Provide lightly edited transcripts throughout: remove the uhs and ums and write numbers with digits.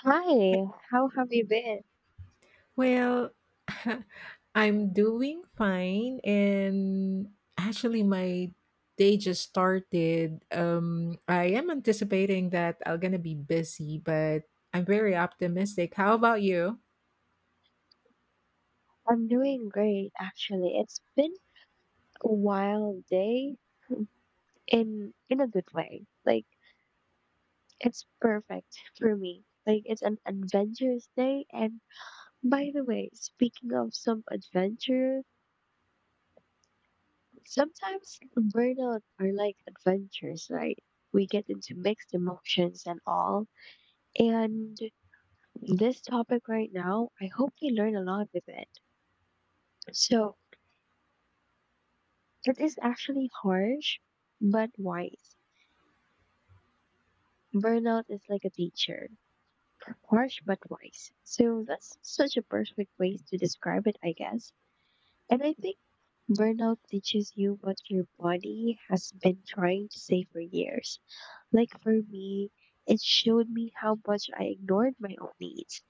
Hi, how have you been? Well, I'm doing fine and actually my day just started. I am anticipating that I'm going to be busy, but I'm very optimistic. How about you? I'm doing great, actually. It's been a wild day in a good way. Like it's perfect for me. Like it's an adventurous day. And by the way, speaking of some adventure, sometimes burnout are like adventures, right? We get into mixed emotions and all. And this topic right now, I hope we learn a lot with it. So it is actually harsh, but wise. Burnout is like a teacher, harsh but wise. So that's such a perfect way to describe it, I guess. And I think burnout teaches you what your body has been trying to say for years. Like for me, it showed me how much I ignored my own needs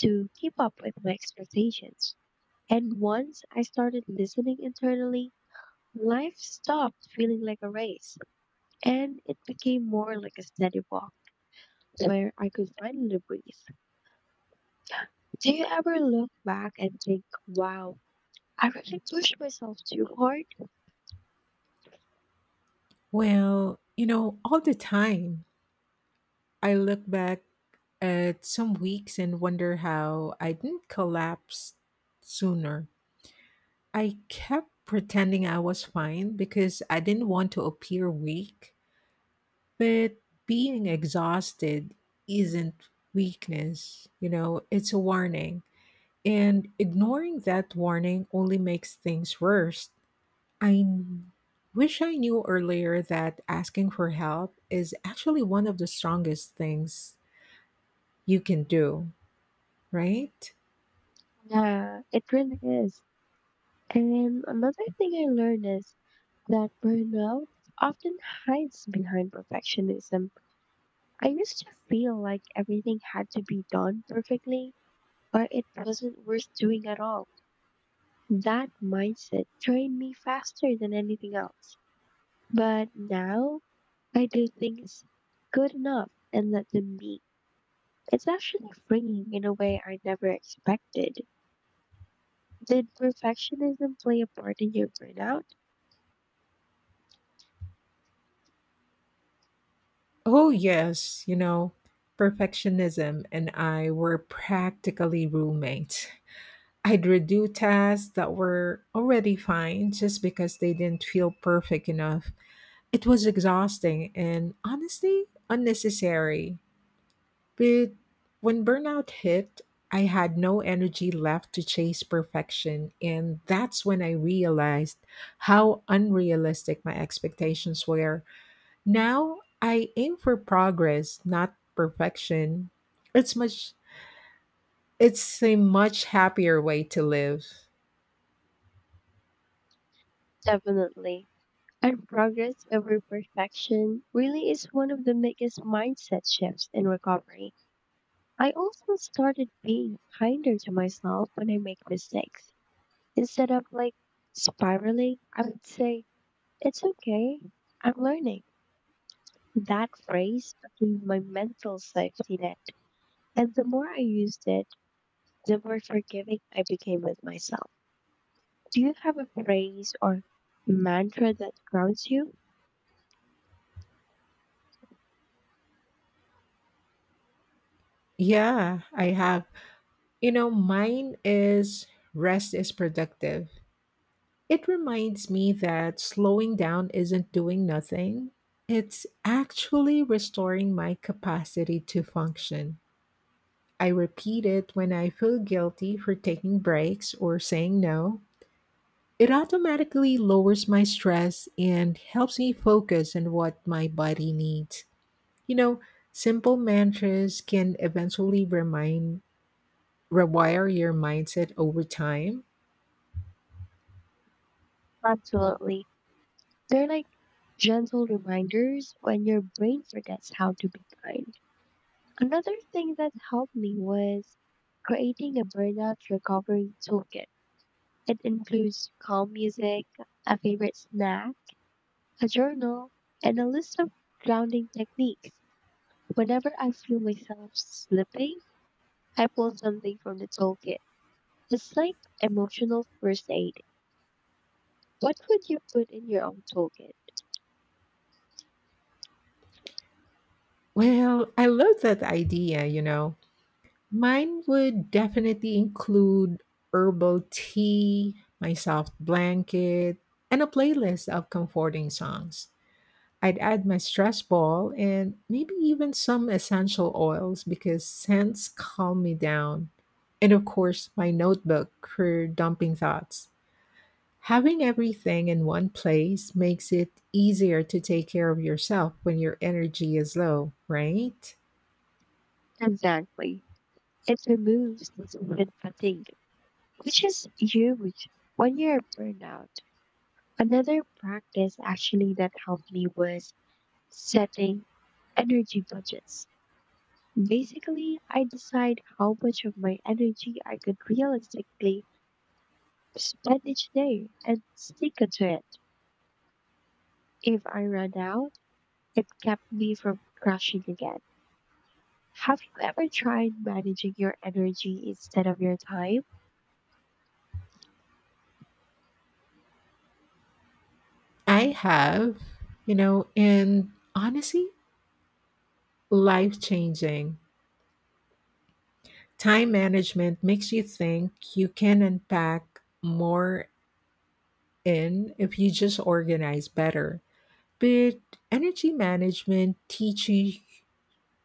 to keep up with my expectations. And once I started listening internally, life stopped feeling like a race, and it became more like a steady walk where I could finally breathe. Do you ever look back and think, wow, I really pushed myself too hard? Well, all the time I look back at some weeks and wonder how I didn't collapse sooner. I kept pretending I was fine because I didn't want to appear weak. But being exhausted isn't weakness, it's a warning. And ignoring that warning only makes things worse. I n- wish I knew earlier that asking for help is actually one of the strongest things you can do, right? Yeah, it really is. And another thing I learned is that burnout often hides behind perfectionism. I used to feel like everything had to be done perfectly or it wasn't worth doing at all. That mindset trained me faster than anything else. But now I do things good enough and let them be. It's actually freeing in a way I never expected. Did perfectionism play a part in your burnout? Oh, yes, perfectionism and I were practically roommates. I'd redo tasks that were already fine just because they didn't feel perfect enough. It was exhausting and honestly unnecessary. But when burnout hit, I had no energy left to chase perfection, and that's when I realized how unrealistic my expectations were. Now I aim for progress, not perfection. It's much it's a much happier way to live. Definitely. And progress over perfection really is one of the biggest mindset shifts in recovery. I also started being kinder to myself when I make mistakes. Instead of like spiraling, I would say, it's okay, I'm learning. That phrase became my mental safety net. And the more I used it, the more forgiving I became with myself. Do you have a phrase or mantra that grounds you? Yeah, I have. Mine is rest is productive. It reminds me that slowing down isn't doing nothing, it's actually restoring my capacity to function. I repeat it when I feel guilty for taking breaks or saying no. It automatically lowers my stress and helps me focus on what my body needs. You know, simple mantras can eventually remind rewire your mindset over time. Absolutely. They're like gentle reminders when your brain forgets how to be kind. Another thing that helped me was creating a burnout recovery toolkit. It includes calm music, a favorite snack, a journal, and a list of grounding techniques. Whenever I feel myself slipping, I pulled something from the toolkit. It's like emotional first aid. What would you put in your own toolkit? Well, I love that idea, Mine would definitely include herbal tea, my soft blanket, and a playlist of comforting songs. I'd add my stress ball and maybe even some essential oils because scents calm me down. And of course, my notebook for dumping thoughts. Having everything in one place makes it easier to take care of yourself when your energy is low, right? Exactly. It removes decision fatigue, which is huge when you're burned out. Another practice actually that helped me was setting energy budgets. Basically, I decide how much of my energy I could realistically spend each day and stick to it. If I run out, it kept me from crashing again. Have you ever tried managing your energy instead of your time? I have, and honestly, life changing. Time management makes you think you can unpack more in if you just organize better. But energy management teaches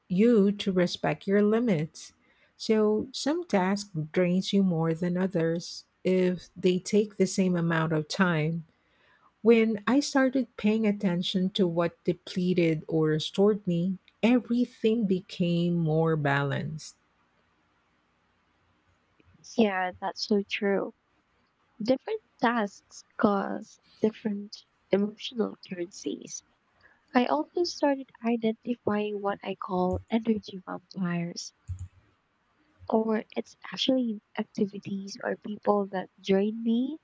you to respect your limits. So some tasks drains you more than others if they take the same amount of time. When I started paying attention to what depleted or restored me, everything became more balanced. Yeah, that's so true. Different tasks cause different emotional currencies. I also started identifying what I call energy vampires, or it's actually activities or people that drain me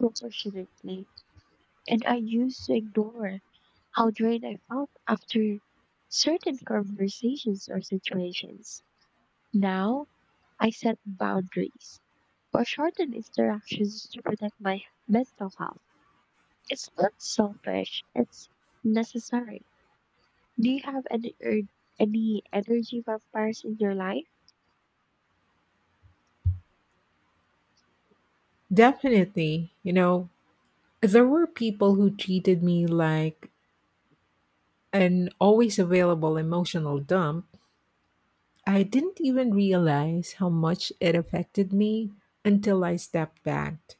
disproportionately and I used to ignore how drained I felt after certain conversations or situations. Now, I set boundaries or shorten interactions to protect my mental health. It's not selfish, it's necessary. Do you have any energy vampires in your life? Definitely, there were people who treated me like an always available emotional dump. I didn't even realize how much it affected me until I stepped back.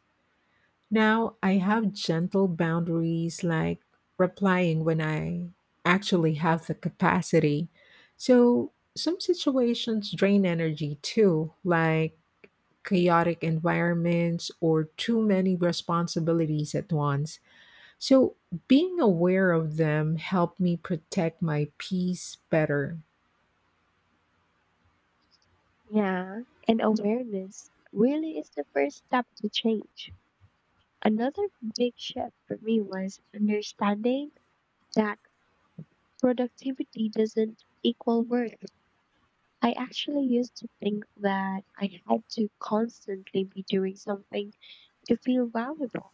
Now I have gentle boundaries like replying when I actually have the capacity. So some situations drain energy too, like chaotic environments or too many responsibilities at once. So being aware of them helped me protect my peace better. Yeah, and awareness really is the first step to change. Another big shift for me was understanding that productivity doesn't equal worth. I actually used to think that I had to constantly be doing something to feel valuable.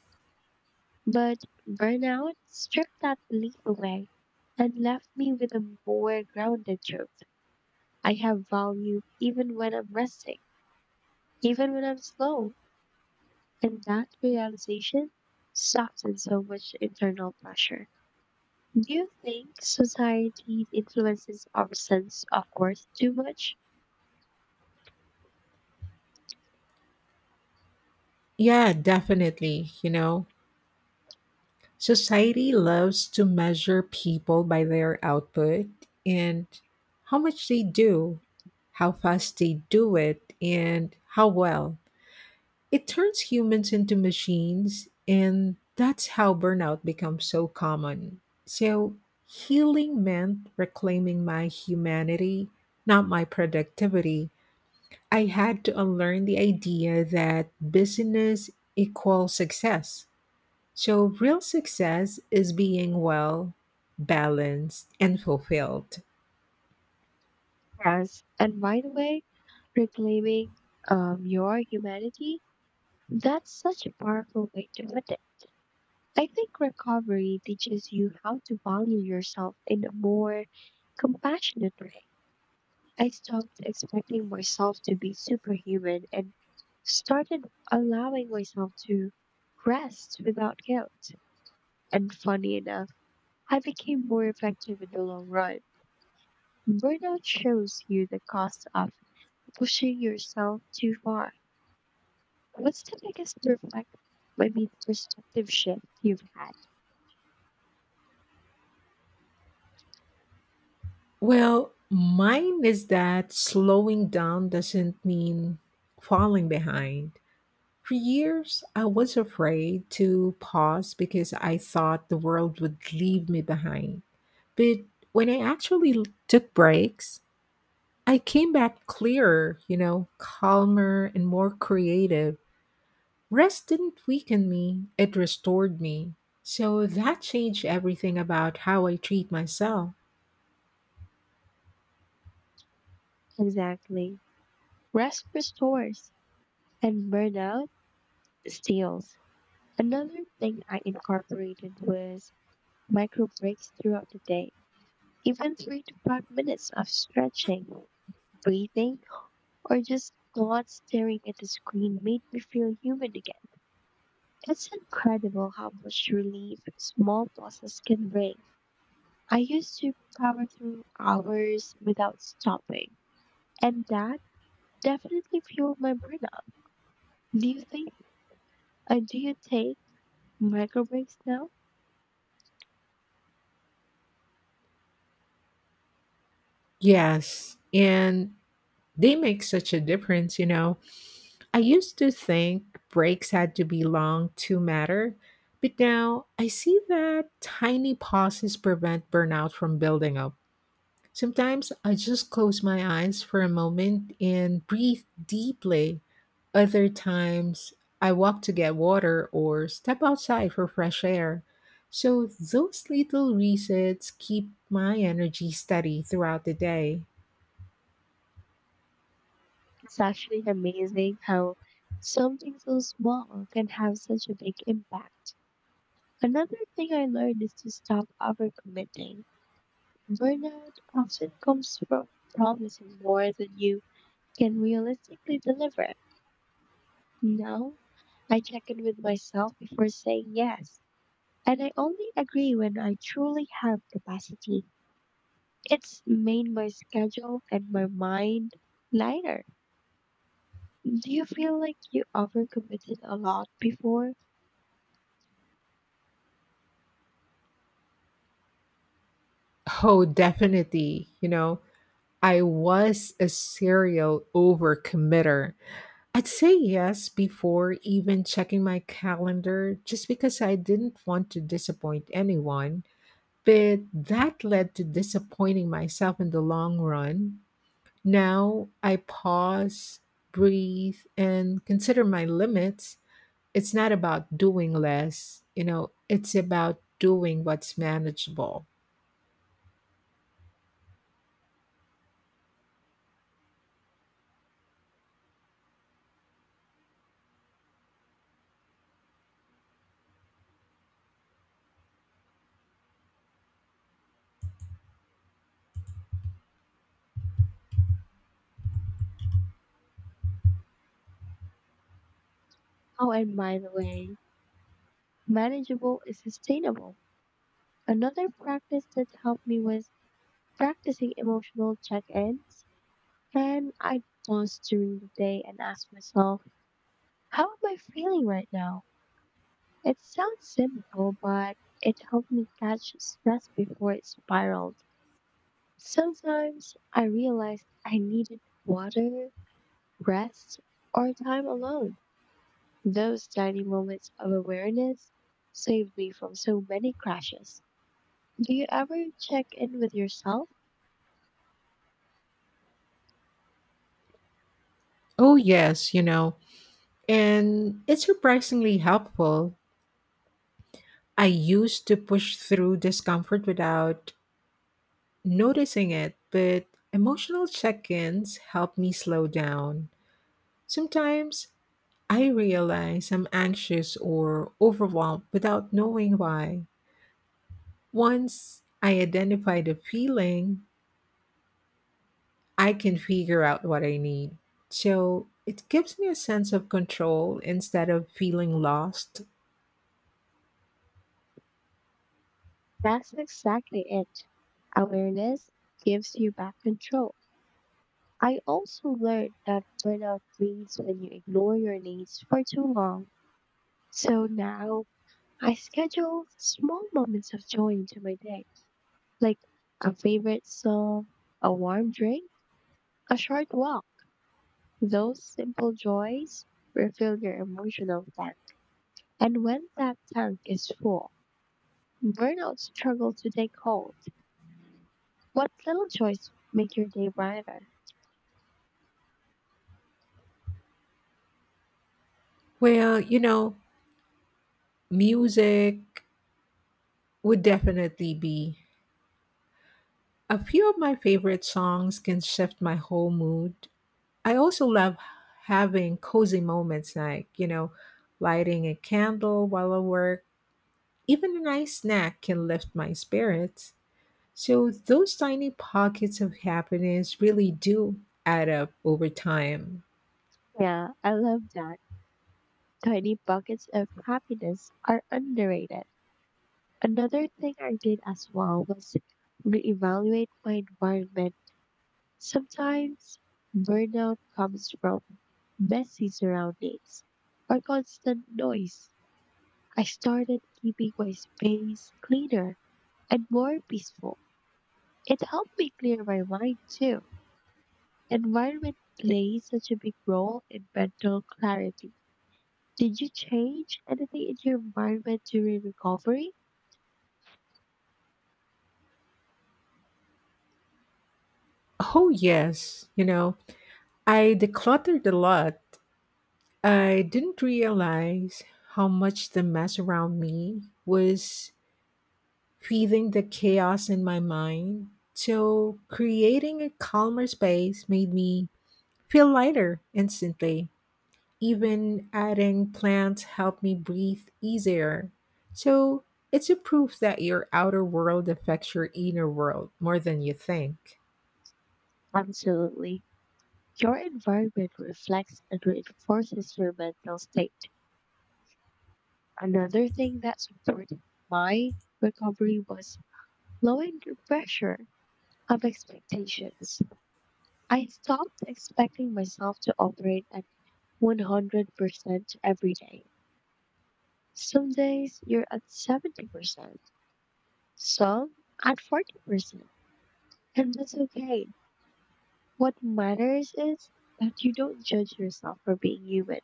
But burnout stripped that belief away and left me with a more grounded truth. I have value even when I'm resting, even when I'm slow. And that realization softens so much internal pressure. Do you think society influences our sense of worth too much? Yeah, definitely, Society loves to measure people by their output and how much they do, how fast they do it, and how well. It turns humans into machines, and that's how burnout becomes so common. So, healing meant reclaiming my humanity, not my productivity. I had to unlearn the idea that business equals success, so real success is being well balanced and fulfilled. Yes, and by the way, reclaiming your humanity, that's such a powerful way to put it. I think recovery teaches you how to value yourself in a more compassionate way. I stopped expecting myself to be superhuman and started allowing myself to rest without guilt. And funny enough, I became more effective in the long run. Burnout shows you the cost of pushing yourself too far. What's the biggest perspective shift you've had? Well, mine is that slowing down doesn't mean falling behind. For years, I was afraid to pause because I thought the world would leave me behind. But when I took breaks, I came back clearer, calmer and more creative. Rest didn't weaken me, it restored me. So that changed everything about how I treat myself. Exactly. Rest restores and burnout steals. Another thing I incorporated was micro breaks throughout the day, even 3 to 5 minutes of stretching, breathing, or just not staring at the screen made me feel human again. It's incredible how much relief small pauses can bring. I used to power through hours without stopping, and that definitely fueled my burnout. Do you think, do you take micro breaks now? Yes, and they make such a difference, I used to think breaks had to be long to matter, but now I see that tiny pauses prevent burnout from building up. Sometimes I just close my eyes for a moment and breathe deeply. Other times I walk to get water or step outside for fresh air. So those little resets keep my energy steady throughout the day. It's actually amazing how something so small can have such a big impact. Another thing I learned is to stop overcommitting. Burnout often comes from promising more than you can realistically deliver. Now, I check in with myself before saying yes, and I only agree when I truly have capacity. It's made my schedule and my mind lighter. Do you feel like you overcommitted a lot before? Oh, definitely. I was a serial overcommitter. I'd say yes before even checking my calendar just because I didn't want to disappoint anyone. But that led to disappointing myself in the long run. Now I pause, breathe, and consider my limits. It's not about doing less, it's about doing what's manageable. Oh, and by the way, manageable is sustainable. Another practice that helped me was practicing emotional check ins. And I pause during the day and ask myself, how am I feeling right now? It sounds simple, but it helped me catch stress before it spiraled. Sometimes I realized I needed water, rest, or time alone. Those tiny moments of awareness saved me from so many crashes. Do you ever check in with yourself? Oh, yes, and it's surprisingly helpful. I used to push through discomfort without noticing it, but emotional check ins help me slow down. Sometimes I realize I'm anxious or overwhelmed without knowing why. Once I identify the feeling, I can figure out what I need. So it gives me a sense of control instead of feeling lost. That's exactly it. Awareness gives you back control. I also learned that burnout leads when you ignore your needs for too long. So now I schedule small moments of joy into my day, like a favorite song, a warm drink, a short walk. Those simple joys refill your emotional tank. And when that tank is full, burnout struggles to take hold. What little joys make your day brighter? Well, music would definitely be. A few of my favorite songs can shift my whole mood. I also love having cozy moments like, lighting a candle while I work. Even a nice snack can lift my spirits. So, those tiny pockets of happiness really do add up over time. Yeah, I love that. Tiny buckets of happiness are underrated. Another thing I did as well was reevaluate my environment. Sometimes burnout comes from messy surroundings or constant noise. I started keeping my space cleaner and more peaceful. It helped me clear my mind too. Environment plays such a big role in mental clarity. Did you change anything in your environment during recovery? Oh, yes. I decluttered a lot. I didn't realize how much the mess around me was feeding the chaos in my mind. So, creating a calmer space made me feel lighter instantly. Even adding plants help me breathe easier. So it's a proof that your outer world affects your inner world more than you think. Absolutely. Your environment reflects and reinforces your mental state. Another thing that supported my recovery was lowering the pressure of expectations. I stopped expecting myself to operate 100% every day. Some days you're at 70%, some at 40%, and that's okay. What matters is that you don't judge yourself for being human.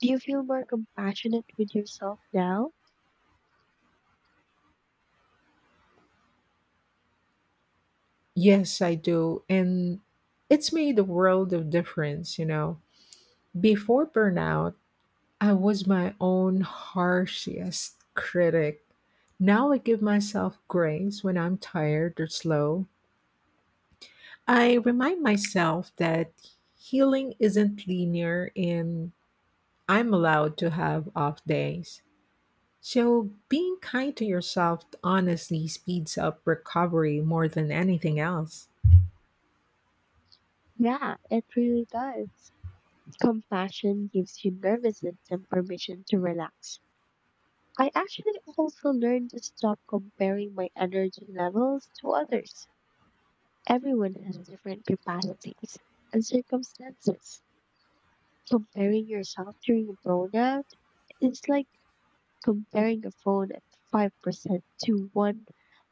Do you feel more compassionate with yourself now? Yes, I do. And it's made a world of difference, Before burnout, I was my own harshest critic. Now I give myself grace when I'm tired or slow. I remind myself that healing isn't linear and I'm allowed to have off days. So, being kind to yourself honestly speeds up recovery more than anything else. Yeah, it really does. Compassion gives you nervous system permission to relax. I actually also learned to stop comparing my energy levels to others. Everyone has different capacities and circumstances. Comparing yourself during a burnout is like comparing a phone at 5% to one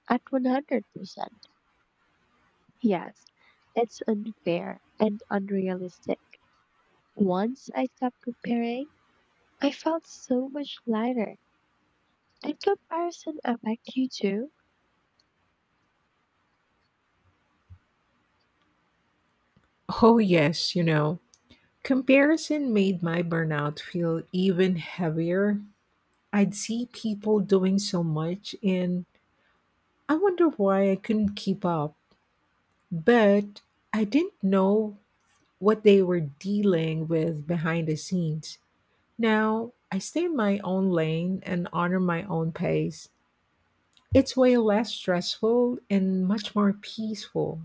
at 100%. Yes, it's unfair and unrealistic. Once I stopped comparing, I felt so much lighter. Did comparison affect you too? Oh, yes, comparison made my burnout feel even heavier. I'd see people doing so much, and I wonder why I couldn't keep up. But I didn't know what they were dealing with behind the scenes. Now, I stay in my own lane and honor my own pace. It's way less stressful and much more peaceful.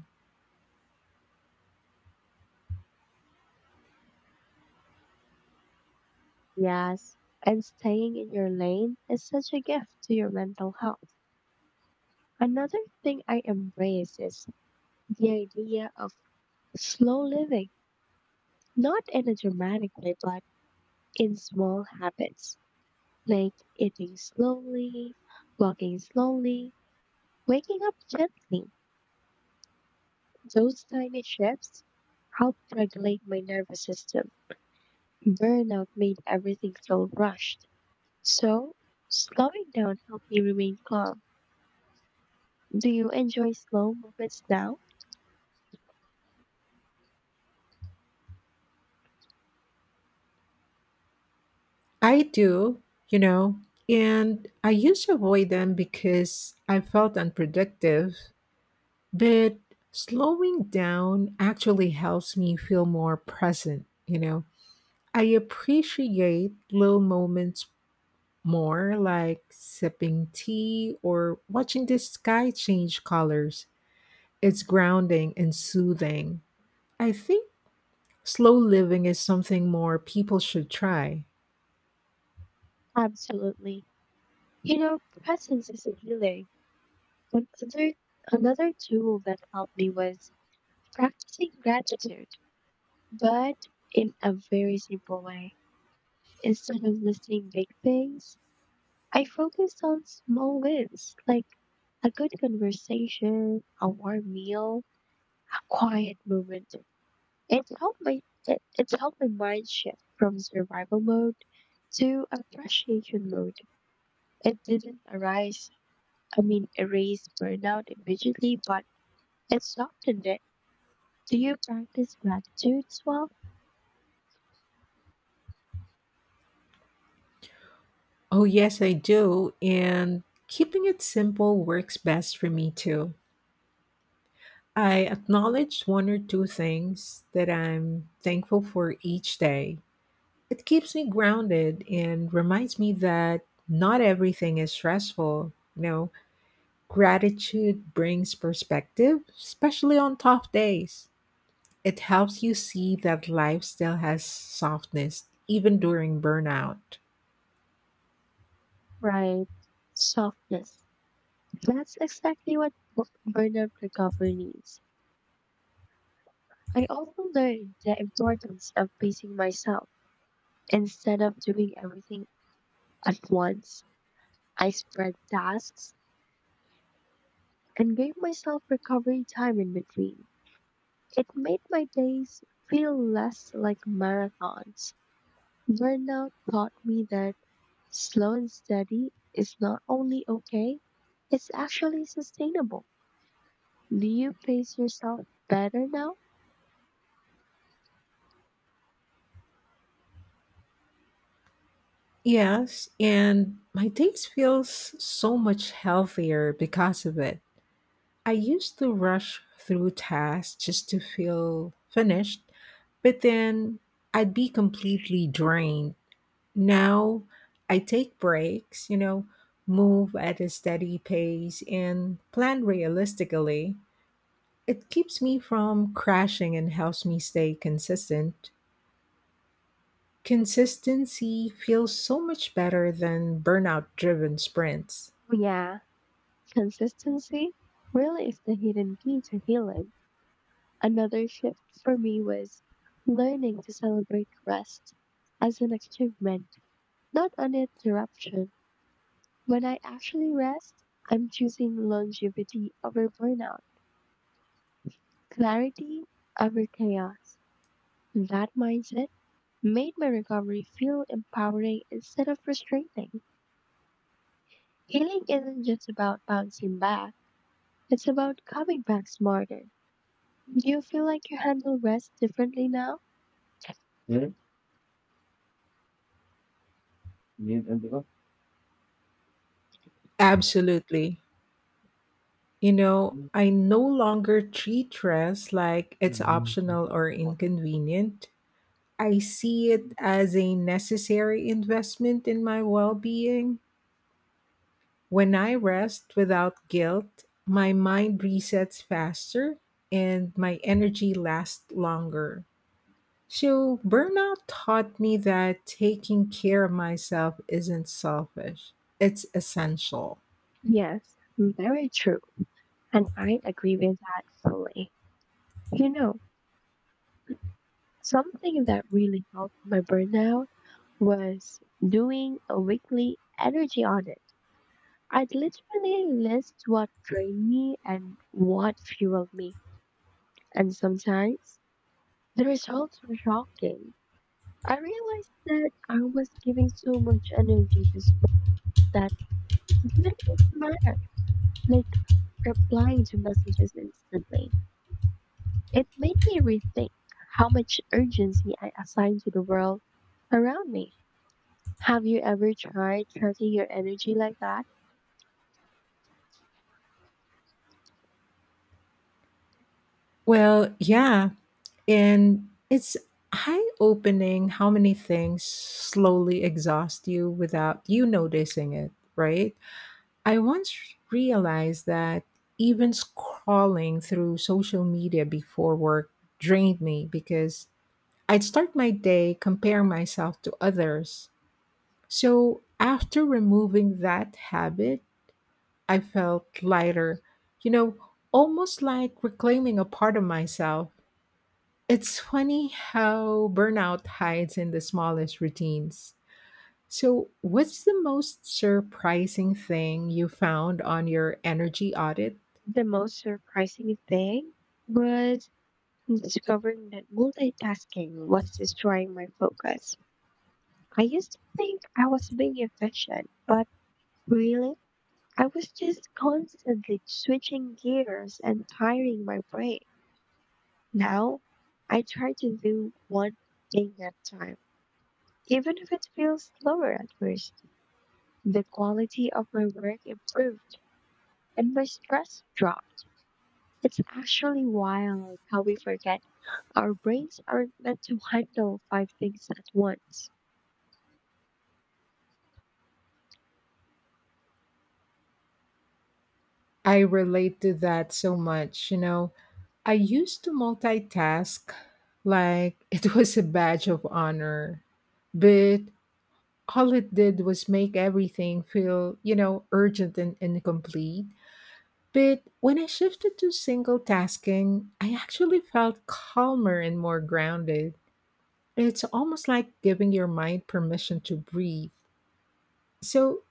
Yes, and staying in your lane is such a gift to your mental health. Another thing I embrace is the idea of slow living, not in a dramatic way, but in small habits, like eating slowly, walking slowly, waking up gently. Those tiny shifts helped regulate my nervous system. Burnout made everything feel rushed. So, slowing down helped me remain calm. Do you enjoy slow movements now? I do, you know, and I used to avoid them because I felt unproductive, but slowing down actually helps me feel more present, I appreciate little moments more, like sipping tea or watching the sky change colors. It's grounding and soothing. I think slow living is something more people should try. Absolutely. You know, presence is healing. Another, another tool that helped me was practicing gratitude, but in a very simple way. Instead of listing big things, I focused on small wins, like a good conversation, a warm meal, a quiet moment. It helped my it helped my mind shift from survival mode to appreciation mode. It didn't erase burnout immediately, but it softened it. Do you practice gratitude as well? Oh, yes, I do. And keeping it simple works best for me too. I acknowledge one or two things that I'm thankful for each day. It keeps me grounded and reminds me that not everything is stressful. Gratitude brings perspective, especially on tough days. It helps you see that life still has softness, even during burnout. Right. Softness. That's exactly what burnout recovery needs. I also learned the importance of pacing myself. Instead of doing everything at once, I spread tasks and gave myself recovery time in between. It made my days feel less like marathons. Burnout taught me that slow and steady is not only okay, it's actually sustainable. Do you pace yourself better now? Yes, and my days feels so much healthier because of it. I used to rush through tasks just to feel finished, but then I'd be completely drained. Now I take breaks, move at a steady pace and plan realistically. It keeps me from crashing and helps me stay consistent. Consistency feels so much better than burnout driven sprints. Oh, yeah, consistency really is the hidden key to healing. Another shift for me was learning to celebrate rest as an achievement, not an interruption. When I actually rest, I'm choosing longevity over burnout, clarity over chaos. That mindset made my recovery feel empowering instead of frustrating. Healing isn't just about bouncing back. It's about coming back smarter. Do you feel like you handle rest differently now? Absolutely. I no longer treat rest like it's optional or inconvenient. I see it as a necessary investment in my well being. When I rest without guilt, my mind resets faster and my energy lasts longer. So, burnout taught me that taking care of myself isn't selfish, it's essential. Yes, very true. And I agree with that fully. You know, something that really helped my burnout was doing a weekly energy audit. I'd literally list what drained me and what fueled me. And sometimes the results were shocking. I realized that I was giving so much energy to small that didn't even matter, like replying to messages instantly. It made me rethink how much urgency I assign to the world around me. Have you ever tried tracking your energy like that? Well, yeah. And it's eye opening how many things slowly exhaust you without you noticing it, right? I once realized that even scrolling through social media before work drained me because I'd start my day comparing myself to others. So after removing that habit, I felt lighter, you know, almost like reclaiming a part of myself. It's funny how burnout hides in the smallest routines. So, what's the most surprising thing you found on your energy audit? The most surprising thing was discovering that multitasking was destroying my focus. I used to think I was being efficient, but really I was just constantly switching gears and tiring my brain. Now I try to do one thing at a time, even if it feels slower at first. The quality of my work improved and my stress dropped. It's actually wild how we forget our brains aren't meant to handle five things at once. I relate to that so much, I used to multitask like it was a badge of honor. But all it did was make everything feel, urgent and incomplete. But when I shifted to single tasking, I actually felt calmer and more grounded. It's almost like giving your mind permission to breathe. So,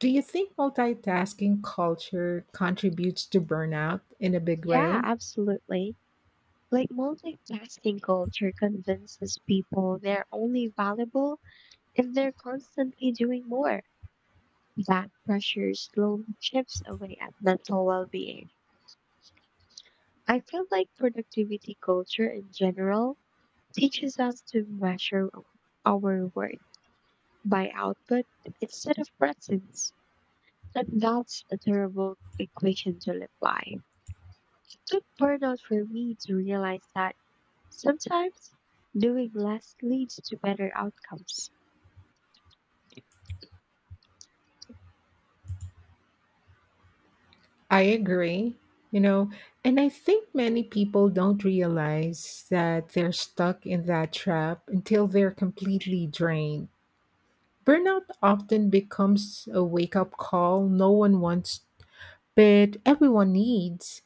do you think multitasking culture contributes to burnout in a big Yeah, way? absolutely. Like multitasking culture convinces people they're only valuable if they're constantly doing more, that pressure slowly chips away at mental well being. I feel like productivity culture in general teaches us to measure our worth by output instead of presence. And that's a terrible equation to live by. It took burnout for me to realize that sometimes doing less leads to better outcomes. I agree. You know, and I think many people don't realize that they're stuck in that trap until they're completely drained. Burnout often becomes a wake up call no one wants, but everyone needs.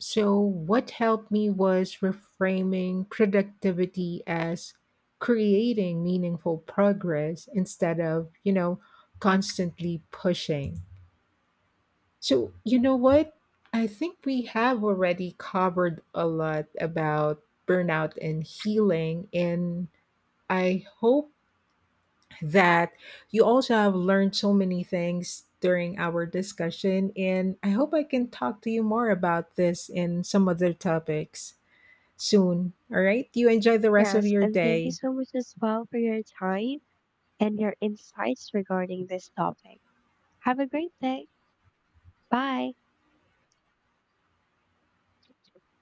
So, what helped me was reframing productivity as creating meaningful progress instead of, constantly pushing. So, you know what? I think we have already covered a lot about burnout and healing, and I hope that you also have learned so many things during our discussion. And I hope I can talk to you more about this and some other topics soon. All right. You enjoy the rest of Yes, your and thank you day. so much as well for your time and your insights regarding this topic. Have a great day. Bye.